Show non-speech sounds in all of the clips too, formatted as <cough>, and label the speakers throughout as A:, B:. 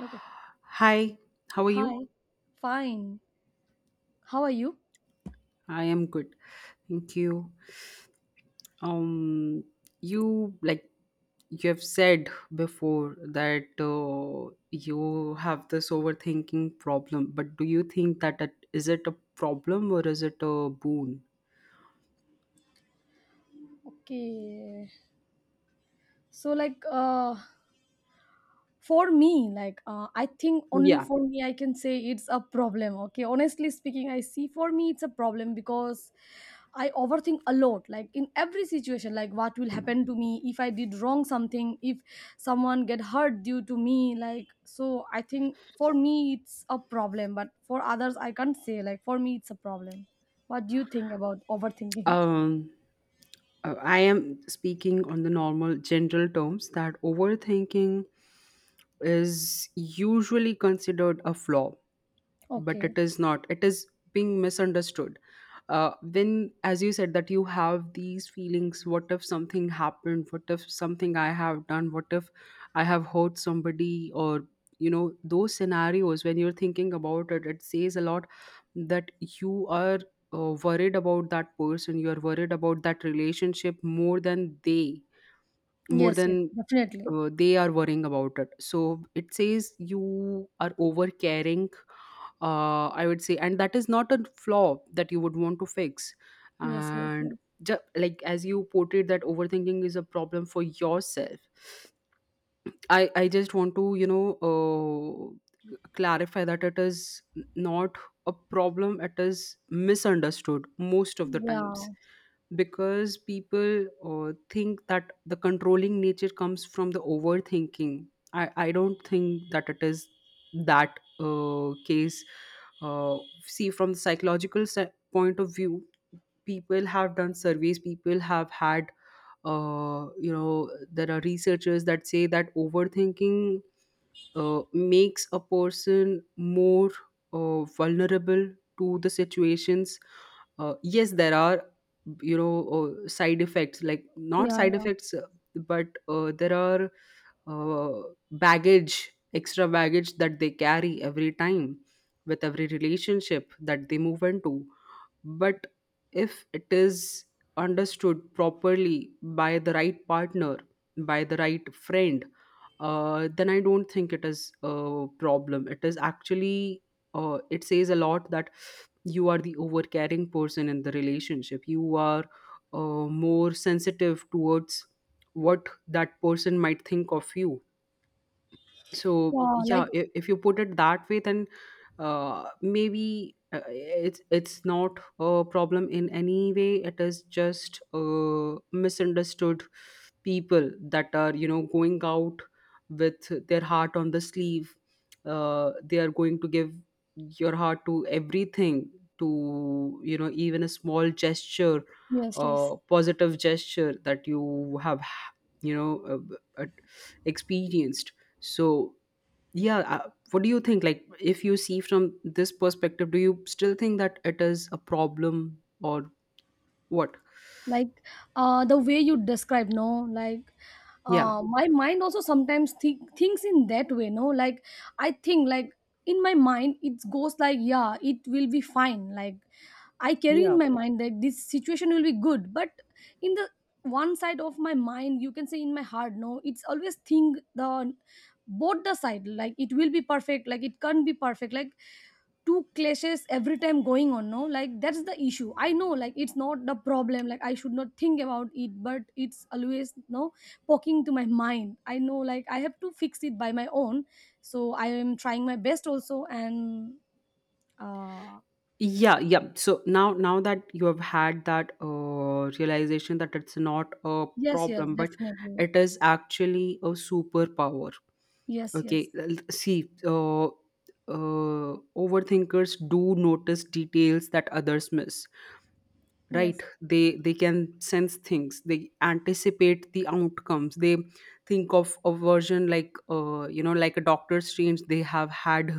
A: Okay.
B: Hi, how are you?
A: Hi. Fine. How are you?
B: I am good. Thank you. Um, you like you have said before that you have this overthinking problem, but do you think that is it a problem or is it a boon?
A: Okay. So for me, I think only
B: Yeah.
A: for me I can say it's a problem. Okay. Honestly speaking, I see for me it's a problem because I overthink a lot, like in every situation, like what will happen to me if I did wrong something, if someone get hurt due to me, like so I think for me it's a problem, but for others I can't say, like for me it's a problem. What do you think about overthinking?
B: Um, I am speaking on the normal general terms that overthinking is usually considered a flaw, but it
A: Okay.
B: is not, it is being misunderstood. When, as you said, that you have these feelings, what if something happened, what if something I have done, what if I have hurt somebody, or those scenarios when you're thinking about it, it says a lot that you are worried about that person, you are worried about that relationship more
A: Yes, yes,
B: than
A: definitely.
B: they are worrying about it. So it says you are over caring, I would say, and that is not a flaw that you would want to fix.
A: Yes, yes,
B: And
A: yes.
B: like as you portrayed that overthinking is a problem for yourself, I just want to clarify that it is not a problem, it is misunderstood most of the times
A: Yeah,
B: because people think that the controlling nature comes from the overthinking. I don't think that it is that case. uh, See, from the psychological point of view, people have done surveys, people have had there are researchers that say that overthinking makes a person more vulnerable to the situations. Yes, there are, side effects, like not
A: yeah,
B: side
A: yeah.
B: effects, but there are uh, baggage extra baggage that they carry every time with every relationship that they move into. But if it is understood properly by the right partner, by the right friend, then I don't think it is a problem. It is actually, it says a lot that you are the overcaring person in the relationship. You are more sensitive towards what that person might think of you. So
A: Yeah,
B: yeah,
A: like,
B: if you put it that way, then maybe it's not a problem in any way. It is just misunderstood. People that are going out with their heart on the sleeve. They are going to give your heart to everything, to even a small gesture,
A: yes, yes.
B: positive gesture that you have you know uh, uh, experienced. So, yeah, what do you think? Like, if you see from this perspective, do you still think that it is a problem or what?
A: Like the way you describe, no, like
B: Yeah.
A: my mind also sometimes thinks in that way, no, like I think like in my mind it goes like yeah it will be fine, like I carry in
B: Yeah.
A: my mind that this situation will be good, but in the one side of my mind, you can say in my heart, no, it's always think the both the side, like it will be perfect, like it can't be perfect, like two clashes every time going on, no, like that's the issue. I know like it's not the problem, like I should not think about it, but it's always no poking to my mind. I know like I have to fix it by my own, so I am trying my best also, and uh
B: Yeah, yeah. So now that you have had that realization that it's not a
A: yes, yes,
B: problem, but
A: definitely.
B: it is actually a superpower.
A: Yes, yes,
B: Okay, see, overthinkers do notice details that others miss. Right,
A: yes.
B: they can sense things, they anticipate the outcomes, they think of a version like like a doctor strange. They have had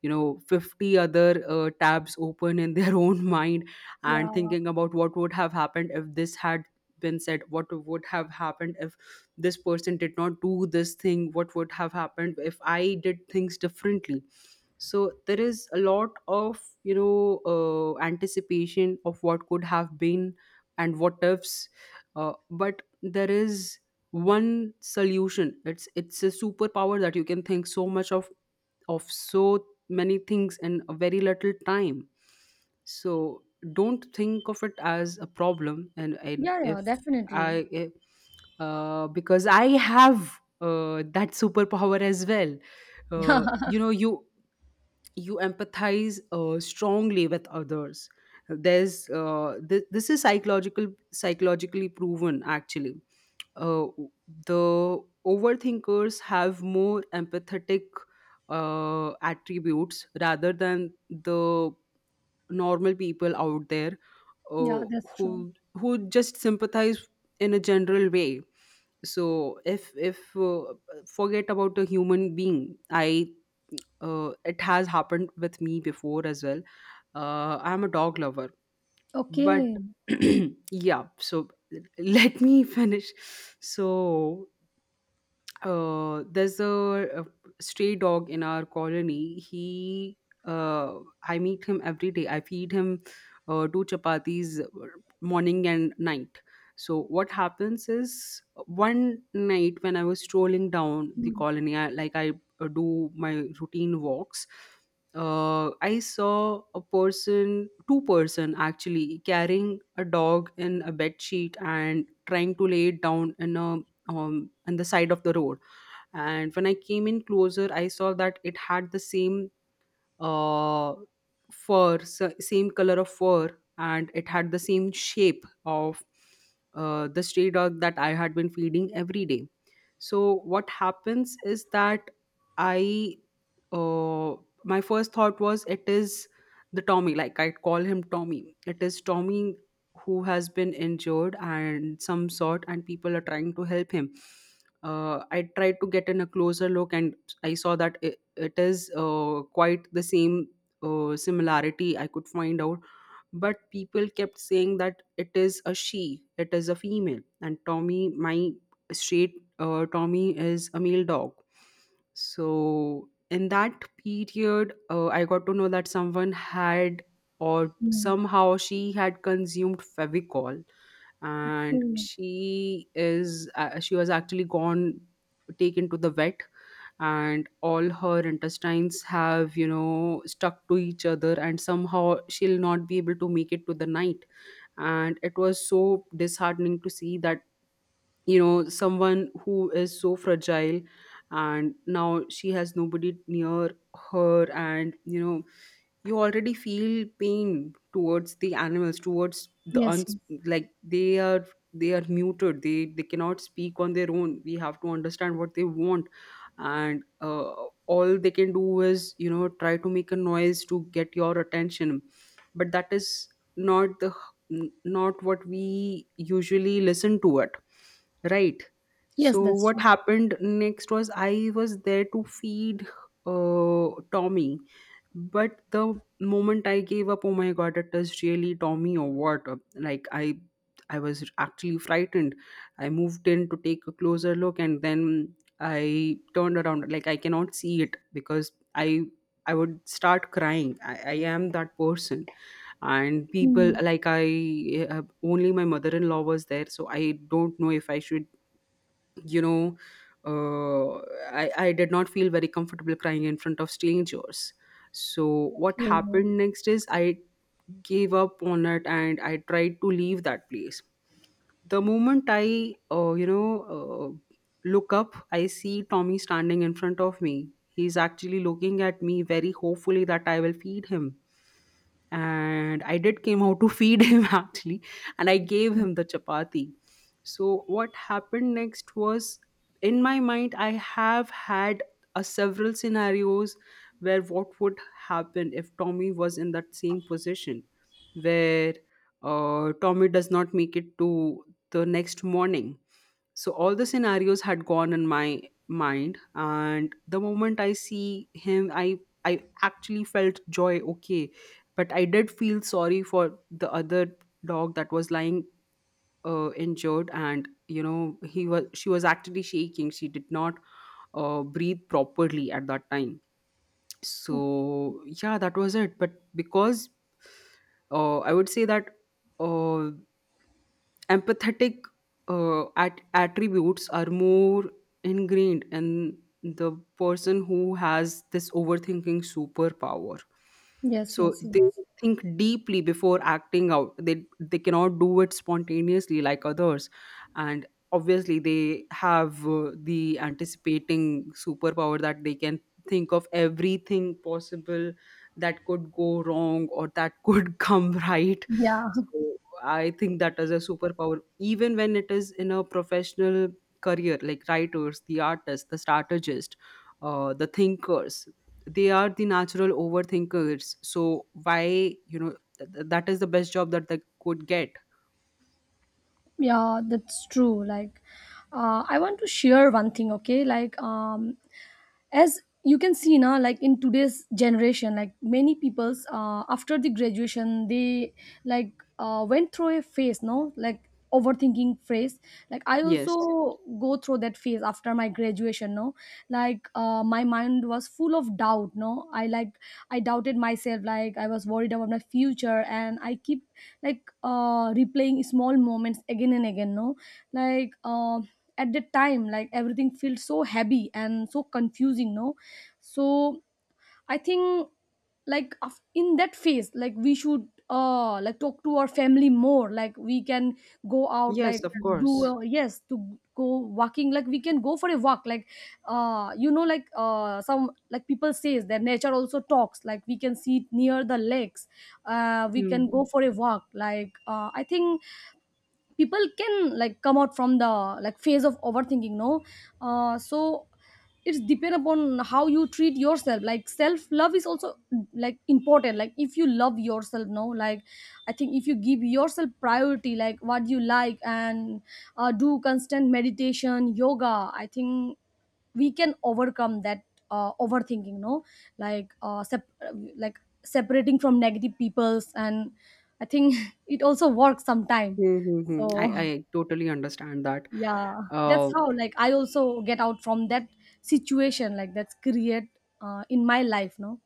B: 50 other tabs open in their <laughs> own mind, and
A: Yeah,
B: thinking about what would have happened if this had been said, what would have happened if this person did not do this thing, what would have happened if I did things differently. So there is a lot of anticipation of what could have been and what ifs. But there is one solution, it's a superpower that you can think so much of so many things in a very little time. So don't think of it as a problem, and
A: yeah, yeah, definitely.
B: if, because I have that superpower as well.
A: <laughs> Yeah,
B: You know, you empathize strongly with others. There's this is psychologically proven actually. uh, the overthinkers have more empathetic attributes rather than the normal people out there, uh,
A: yeah, that's true.
B: who just sympathize in a general way. So if forget about a human being, I it has happened with me before as well. I'm a dog lover, but
A: Okay.
B: <clears throat> yeah, so let me <laughs> finish. So there's a stray dog in our colony. Uh, I meet him every day. I feed him two chapatis morning and night. So what happens is one night when I was strolling down the
A: Mm,
B: colony, like I do my routine walks. I saw a person, two-person actually, carrying a dog in a bed sheet and trying to lay it down in a on the side of the road. And when I came in closer, I saw that it had the same uh, fur, same color of fur, and it had the same shape of the stray dog that I had been feeding every day. So what happens is that I, uh, my first thought was it is the Tommy, like I call him Tommy. It is Tommy who has been injured and some sort, and people are trying to help him. I tried to get in a closer look, and I saw that it is quite the same similarity I could find out. But people kept saying that it is a she, it is a female, and Tommy, my straight Tommy, is a male dog. So in that period, I got to know that someone had, or
A: mm,
B: somehow she had consumed Fevicol, and
A: mm.
B: she was actually gone, taken to the vet, and all her intestines have, you know, stuck to each other, and somehow she'll not be able to make it to the night. And it was so disheartening to see that, you know, someone who is so fragile, and now she has nobody near her. And you know, you already feel pain towards the animals, towards the
A: Yes,
B: uns,
A: yes,
B: like they are muted, they cannot speak on their own. We have to understand what they want. And all they can do is, try to make a noise to get your attention, but that is not the not what we usually listen to it, right?
A: yes,
B: So
A: that's
B: what
A: true.
B: happened next was I was there to feed Tommy. But the moment I gave up, oh my god, it is really Tommy or what? Like I was actually frightened. I moved in to take a closer look, and then I turned around, like I cannot see it, because I would start crying. I am that person. And people
A: Mm,
B: like I Only my mother-in-law was there, so I don't know if I should, you know, uh, I did not feel very comfortable crying in front of strangers. So what happened next is I gave up on it and I tried to leave that place. The moment i, look up, I see tommy standing in front of me, he's actually looking at me very hopefully that I will feed him. And I did came out to feed <laughs> him actually, and I gave him the chapati. So what happened next was, in my mind, I have had a several scenarios where what would happen if Tommy was in that same position where Tommy does not make it to the next morning. So all the scenarios had gone in my mind, and the moment I see him, I actually felt joy. Okay, but I did feel sorry for the other dog that was lying injured. And you know, he was she was actually shaking, she did not breathe properly at that time. So
A: okay.
B: yeah, that was it. But because I would say that uh, empathetic attributes are more ingrained in the person who has this overthinking superpower.
A: Yes,
B: So
A: yes,
B: they
A: yes.
B: think deeply before acting out, they cannot do it spontaneously like others. And obviously they have the anticipating superpower that they can think of everything possible that could go wrong or that could <laughs> come right.
A: Yeah,
B: So I think that is a superpower, even when it is in a professional career, like writers, the artists, the strategists, the thinkers. They are the natural overthinkers. So why, you know, that is the best job that they could get.
A: <laughs> yeah, that's true. Like, I want to share one thing, okay? Like, as you can see now, like in today's generation, like many people's after the graduation they like went through a phase, no, like overthinking phase, like I
B: Yes.
A: also go through that phase after my graduation, no, like my mind was full of doubt, no, I like I doubted myself, like I was worried about my future, and I keep like replaying small moments again and again, no, like at the time, like everything feels so heavy and so confusing, no, so I think like in that phase, like we should like talk to our family more, like we can go out, like
B: Yes, of
A: do
B: course.
A: yes to go walking, like we can go for a walk, like you know, like some, like people says that nature also talks, like we can sit near the lakes. We
B: Hmm.
A: can go for a walk, like I think people can like come out from the like phase of overthinking, no, so it's depend upon how you treat yourself, like self love is also like important, like if you love yourself, no, like I think if you give yourself priority, like what you like, and do constant meditation yoga, I think we can overcome that overthinking, no, like like separating from negative peoples. And I think <laughs> it also works sometime.
B: Hmm, hmm, hmm. I,
A: So
B: I totally understand that.
A: yeah, that's
B: Uh,
A: how like I also get out from that situation, like that's create in my life, no.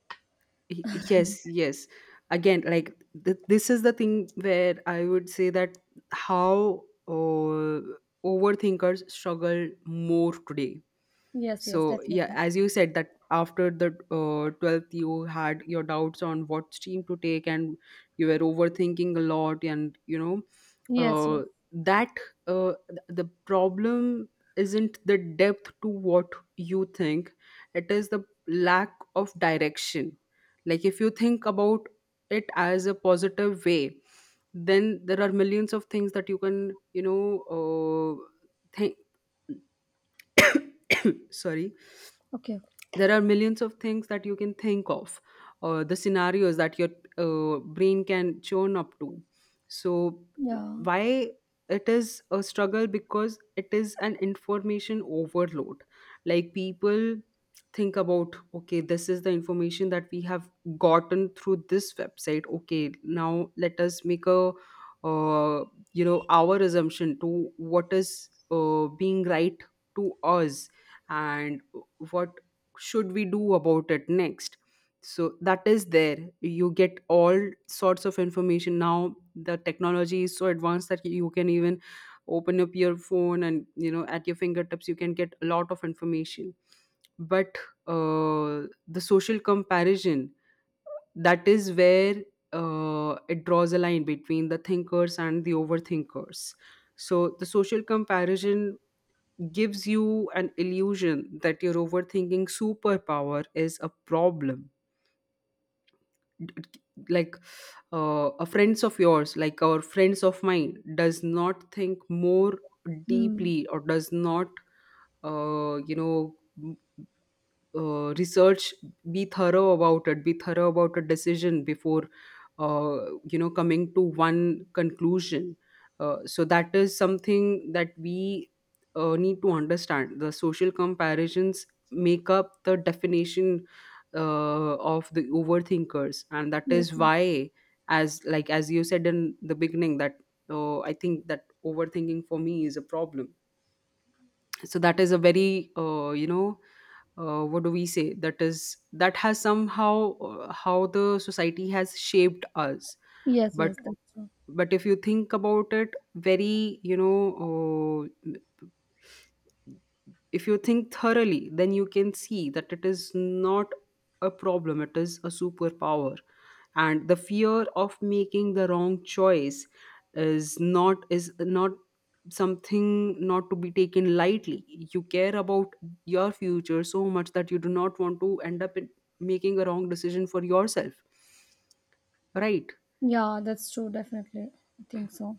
B: Yes, yes. Again, like, this is the thing where I would say that how overthinkers struggle more today.
A: Yes, yes,
B: So yeah,
A: definitely.
B: as you said, that after the 12th you had your doubts on what stream to take, and you were overthinking a lot, and
A: Yes, yes.
B: uh, that the problem isn't the depth to what you think. It is the lack of direction. Like, if you think about it as a positive way, then there are millions of things that you can, think. <coughs> Sorry.
A: Okay.
B: There are millions of things that you can think of, the scenarios that your brain can churn up to. So
A: Yeah.
B: why it is a struggle? Because it is an information overload. Like, people think about, okay, this is the information that we have gotten through this website, okay, now let us make a uh, our assumption to what is being right to us, and what should we do about it next. So that is there, you get all sorts of information. Now the technology is so advanced that you can even open up your phone and at your fingertips you can get a lot of information. But uh, the social comparison, that is where it draws a line between the thinkers and the overthinkers. So the social comparison gives you an illusion that your overthinking superpower is a problem. D- like, a friends of yours, like our friends of mine, does not think more
A: Hmm.
B: deeply or does not uh, you know research, be thorough about it, be thorough about a decision before coming to one conclusion. So that is something that we need to understand. The social comparisons make up the definition of the overthinkers, and that
A: Yes,
B: is
A: yes.
B: why, as, like, as you said in the beginning, that I think that overthinking for me is a problem. So that is a very, what do we say, that is, that has somehow, how the society has shaped us.
A: Yes,
B: but
A: yes, that's true.
B: but if you think about it, very, you know, uh, if you think thoroughly, then you can see that it is not a problem, it is a superpower. And the fear of making the wrong choice is not something not to be taken lightly. You care about your future so much that you do not want to end up in making a wrong decision for yourself, right?
A: Yeah, that's true, definitely. I think so.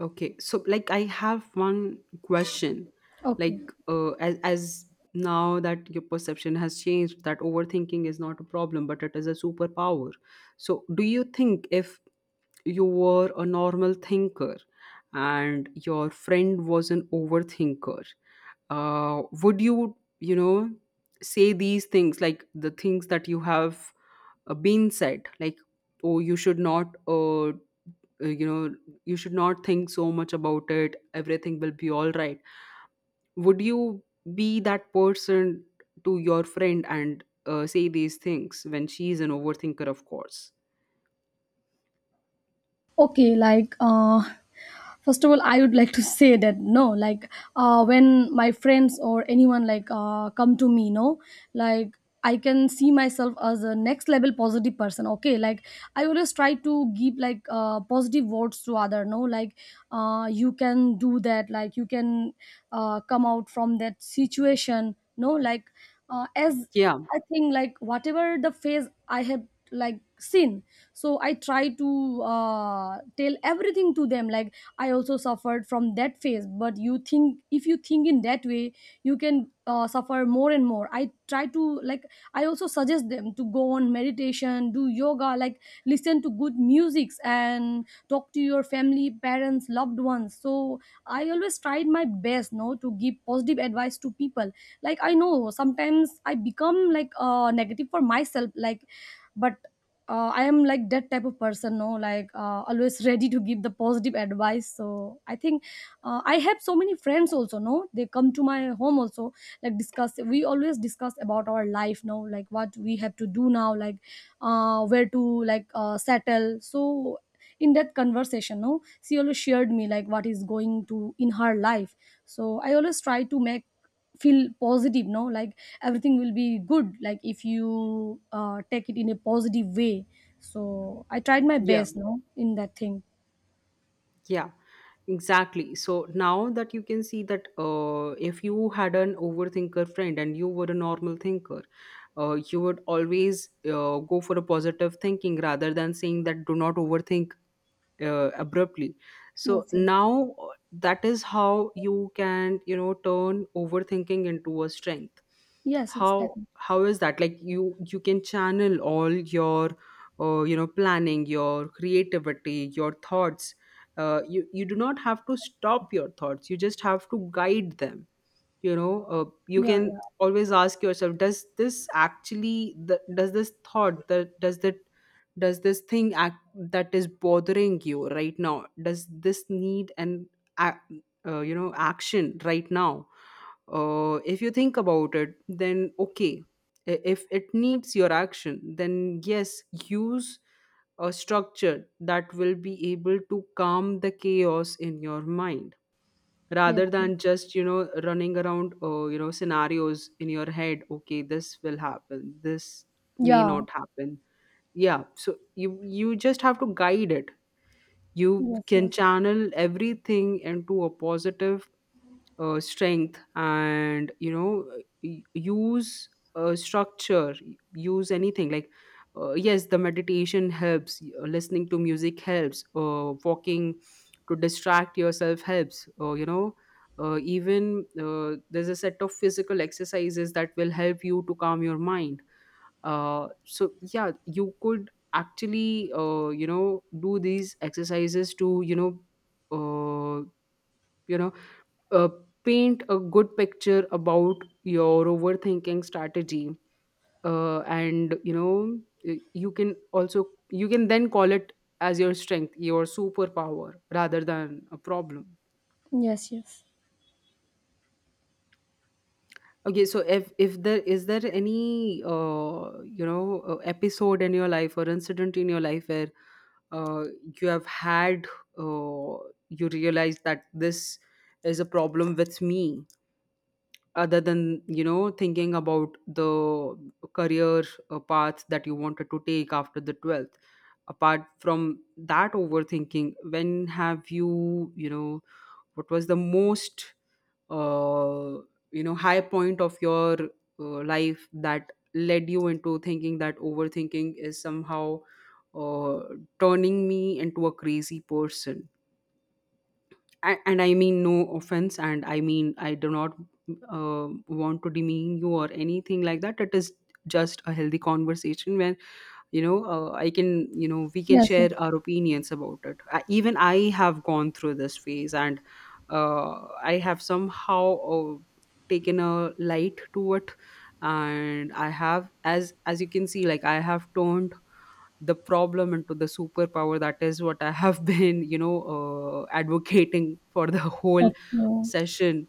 B: Okay, so like, I have one question. Like,
A: Okay.
B: as now that your perception has changed, that overthinking is not a problem but it is a superpower. So, do you think if you were a normal thinker and your friend was an overthinker, would you, you know, say these things, like the things that you have been said, like, oh, you should not, uh, you know you should not think so much about it, everything will be all right. Would you be that person to your friend and say these things when she is an overthinker, of course.
A: Okay, like first of all I would like to say that, no, like when my friends or anyone like come to me, no, like I can see myself as a next level positive person, okay, like I always try to give like positive words to other, no, like you can do that, like you can come out from that situation, no, like as
B: Yeah,
A: I think, like whatever the phase I have like seen, so I try to tell everything to them, like I also suffered from that phase, but you think if you think in that way you can suffer more and more. I try to like I also suggest them to go on meditation, do yoga, like listen to good musics and talk to your family, parents, loved ones. So I always tried my best, no, to give positive advice to people. Like I know sometimes I become like negative for myself, like but I am like that type of person, no, like always ready to give the positive advice. So I think I have so many friends also, no, they come to my home also, like discuss. We always discuss about our life, no, like what we have to do now, like where to like settle. So in that conversation, no, she always shared me like what is going to in her life. So I always try to make feel positive, no, like everything will be good, like if you take it in a positive way. So I tried my
B: yeah,
A: best, no, in that thing.
B: yeah, exactly. So now that you can see that, if you had an overthinker friend and you were a normal thinker, you would always go for a positive thinking rather than saying that do not overthink abruptly. So
A: Yes, yes.
B: now, that is how you can, you know, turn overthinking into a strength.
A: Yes, yes,
B: how
A: definitely.
B: how is that? Like, you can channel all your, planning, your creativity, your thoughts. You do not have to stop your thoughts, you just have to guide them. You know, you
A: Yeah,
B: can
A: yeah.
B: always ask yourself, does this actually, the, does this thing, act that is bothering you right now, does this need an action right now? If you think about it, then okay, if it needs your action, then yes, use a structure that will be able to calm the chaos in your mind,
A: Yes.
B: rather than just, you know, running around, scenarios in your head, okay, this will happen, this may
A: Yeah.
B: not happen. Yeah, so you just have to guide it. You
A: Yes,
B: can
A: yes.
B: channel everything into a positive strength, and you know, use structure. Use anything, like, yes, the meditation helps, listening to music helps, walking to distract yourself helps, even there's a set of physical exercises that will help you to calm your mind. So yeah, you could actually, do these exercises to, you know, uh, you know uh, paint a good picture about your overthinking strategy, and you know, you can then call it as your strength, your superpower, rather than a problem.
A: Yes. Yes,
B: Okay, so if there is, there any episode in your life or incident in your life where uh, you have had, uh, you realize that this is a problem with me, other than, you know, thinking about the career path that you wanted to take after the 12th. Apart from that overthinking, when have you, you know, what was the most, uh, high point of your life that led you into thinking that overthinking is somehow uh, turning me into a crazy person? And I mean no offense, and I mean, I do not want to demean you or anything like that. It is just a healthy conversation when, I can you know we can
A: yes.
B: share
A: Yes,
B: our opinions about it. I, even I have gone through this phase, and I have somehow taken a light to it, and I have, as you can see, like, I have turned the problem into the superpower. That is what I have <laughs> been, advocating for the whole
A: Okay.
B: session.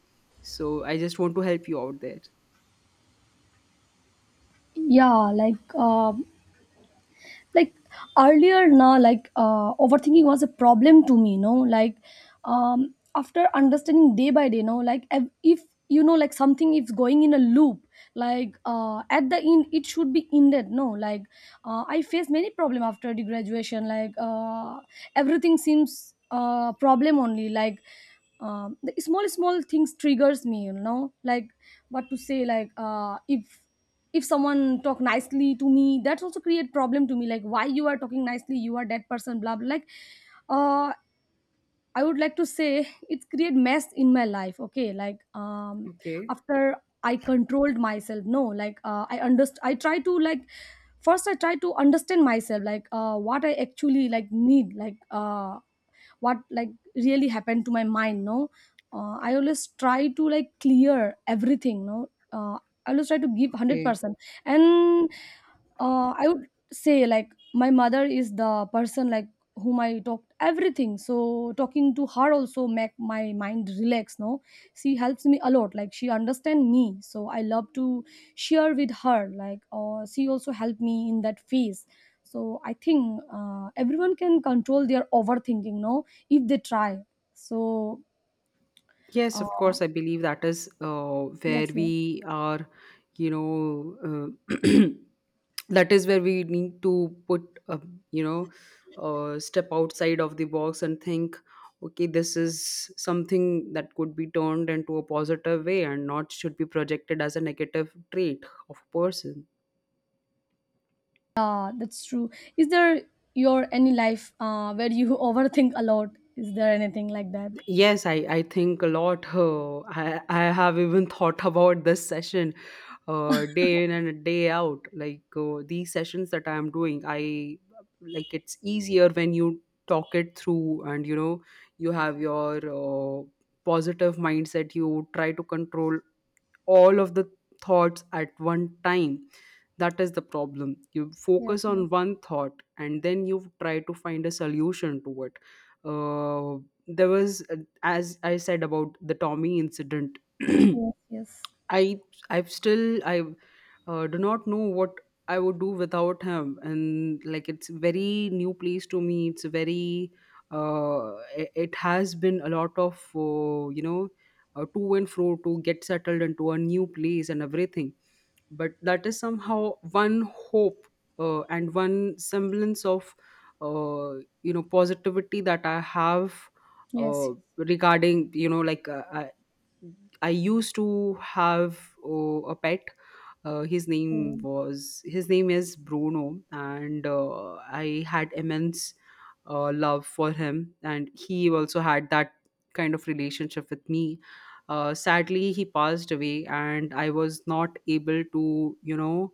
B: So I just want to help you out there.
A: Yeah, like like earlier now, like overthinking was a problem to me, you know, like after understanding day by day, you know, like if you know like something is going in a loop, like at the end it should be ended, no, like I faced many problem after the graduation, like everything seems problem only, like the small small things triggers me, you know, like what to say, like if someone talk nicely to me, that's also create problem to me, like why you are talking nicely, you are that person, blah blah, like uh I would like to say it's create mess in my life. Okay, like
B: Okay.
A: after I controlled myself, no, like I try to like first I try to understand myself, like what I actually like need, like what like really happened to my mind, no, I always try to like clear everything, no, I always try to give
B: Okay.
A: 100%. And I would say like my mother is the person like whom I talked everything. So talking to her also make my mind relax, no, she helps me a lot, like she understand me, so I love to share with her, like she also helped me in that phase. So I think everyone can control their overthinking, no, if they try. So
B: Yes, of
A: uh,
B: course. I believe that is where
A: yes, yeah.
B: we are, you know, <clears throat> that is where we need to put, a. you know, step outside of the box and think, okay, this is something that could be turned into a positive way and not should be projected as a negative trait of a person.
A: Yeah, that's true. Is there your any life where you <laughs> overthink a lot? Is there anything like that?
B: Yes, I think a lot. I have even thought <laughs> about this session, day in and day out. Like, these sessions that I'm doing, I, like, it's easier when you talk it through, and you know, you have your positive mindset. You try to control all of the thoughts at one time. That is the problem. You
A: Yes,
B: focus
A: yes,
B: on one thought and then you try to find a solution to it. There was, as I said, about the tommy incident <clears throat>
A: yes, yes,
B: I I've still I do not know what I would do without him, and like, it's very new place to me. It's very, it has been a lot of to and fro to get settled into a new place and everything. But that is somehow one hope and one semblance of positivity that I have uh,
A: yes.
B: regarding, you know, like, I used to have a pet. Uh, his name
A: Mm,
B: was his name is Bruno, and I had immense love for him, and he also had that kind of relationship with me. Sadly, he passed away, and I was not able to, you know,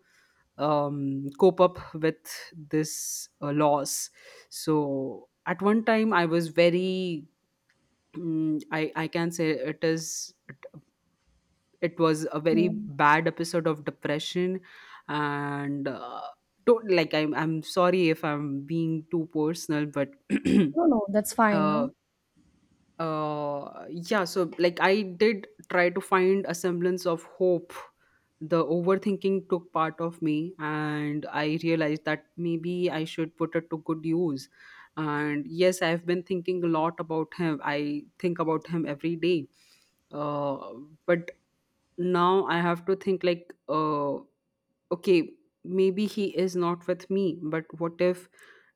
B: cope up with this loss. So at one time, I was very, I can say it was a very
A: mm.
B: bad episode of depression, and like, I'm sorry if I'm being too personal, but
A: No, no, that's
B: <clears throat>
A: fine.
B: uh,
A: No.
B: yeah, so like, I did try to find a semblance of hope. The overthinking took part of me, and I realized that maybe I should put it to good use. And yes, I've been thinking a lot about him. I think about him every day. uh, but now I have to think, like, okay, maybe he is not with me, but what if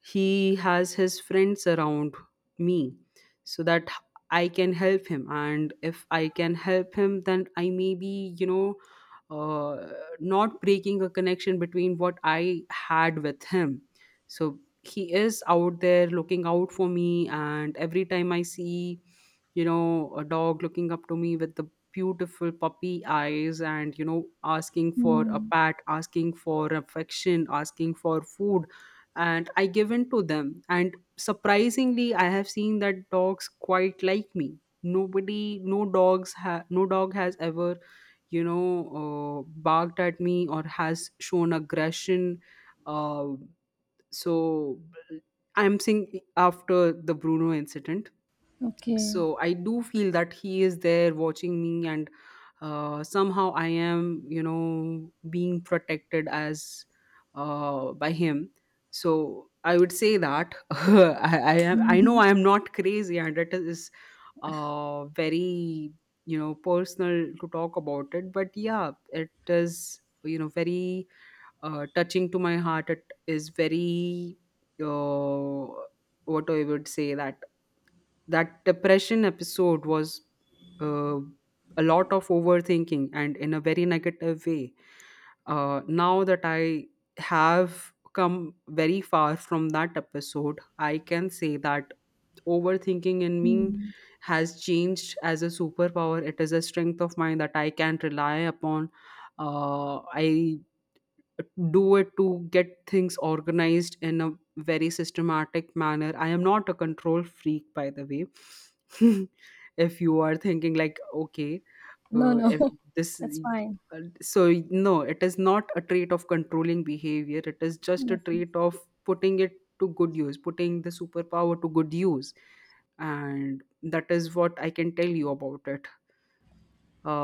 B: he has his friends around me, so that I can help him. And if I can help him, then I, maybe, you know, uh, not breaking a connection between what I had with him. So he is out there looking out for me, and every time I see, you know, a dog looking up to me with the beautiful puppy eyes and, you know, asking for a
A: Mm,
B: pat, asking for affection, asking for food. And I give in to them. And surprisingly, I have seen that dogs quite like me. Nobody, no dogs, no dog has ever, you know, barked at me or has shown aggression. Uh, so I'm saying, after the Bruno incident.
A: okay. <laughs>
B: So I do feel that he is there watching me, and somehow I am, you know, being protected, as by him. So I would say that <laughs> I know
A: Mhm.
B: I am not crazy, and it is very, you know, personal to talk about it. But yeah, it is, you know, very touching to my heart. It is very, uh, what I would say, that depression episode was uh, a lot of overthinking and in a very negative way. Now that I have come very far from that episode, I can say that overthinking in me
A: Mm.
B: has changed as a superpower. It is a strength of mine that I can rely upon. I do it to get things organized in a very systematic manner. I am not a control freak, by the way. <laughs> If you are thinking, like, okay,
A: No, no,
B: if
A: <laughs>
B: this.
A: that's fine.
B: So, no, it is not a trait of controlling behavior. It is just a
A: Yes, yes.
B: trait of putting it to good use, putting the superpower to good use. And that is what I can tell you about it.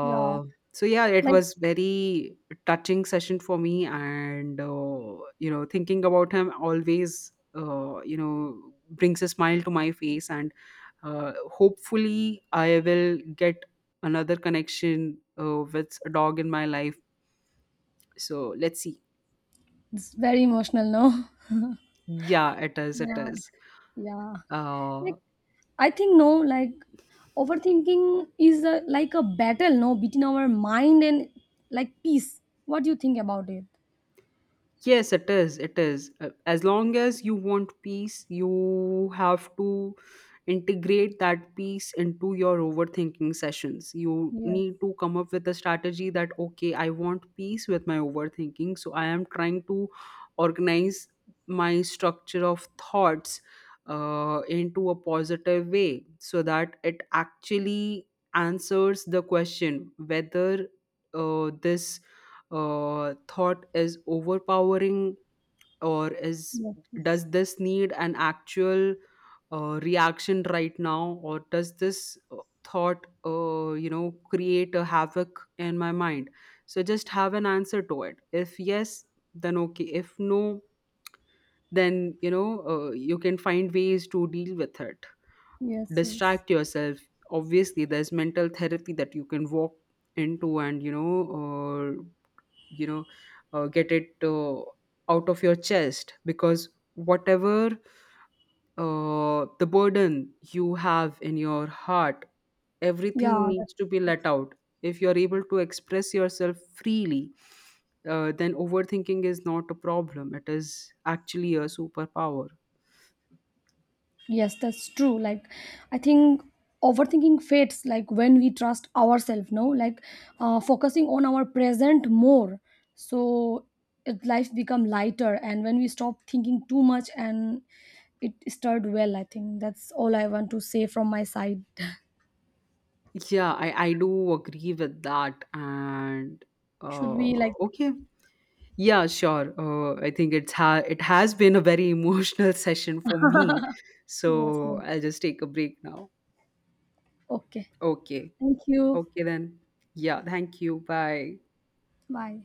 A: Yeah,
B: so yeah, it
A: like
B: was very touching session for me, and you know, thinking about him always, you know, brings a smile to my face, and hopefully, I will get another connection, with a dog in my life. So let's see.
A: it's very emotional. No. <laughs>
B: Yeah, it is. It
A: Yeah,
B: is.
A: yeah.
B: Uh,
A: Like I think, no, like overthinking is a, like a battle, no, between our mind and like peace. What do you think about it?
B: Yes, it is. It is. As long as you want peace, you have to integrate that peace into your overthinking sessions. You
A: Yes,
B: need to come up with a strategy that, okay, I want peace with my overthinking. So I am trying to organize my structure of thoughts into a positive way so that it actually answers the question, whether this thought is overpowering, or is,
A: yes, yes,
B: does this need an actual reaction right now, or does this thought, create a havoc in my mind? So just have an answer to it. If yes, then okay. If no, then you know, you can find ways to deal with it.
A: yes. Yes.
B: Distract yourself. Obviously there's mental therapy that you can walk into, and you know, uh, you know get it out of your chest, because whatever the burden you have in your heart, everything
A: Yeah.
B: needs to be let out. If you're able to express yourself freely, then overthinking is not a problem, it is actually a superpower.
A: Yes, that's true. Like, I think overthinking fades like when we trust ourselves, no? Like, focusing on our present more. So, it, life become lighter. And when we stop thinking too much and it started well, I think that's all I want to say from my side. <laughs>
B: Yeah, I do agree with that, and
A: Should we, like,
B: okay. Yeah, sure. I think it's it has been a very emotional <laughs> session for me. So
A: yes, yes.
B: I'll just take a break now.
A: Okay.
B: Okay.
A: Thank you.
B: Okay then. Yeah, thank you. Bye.
A: Bye.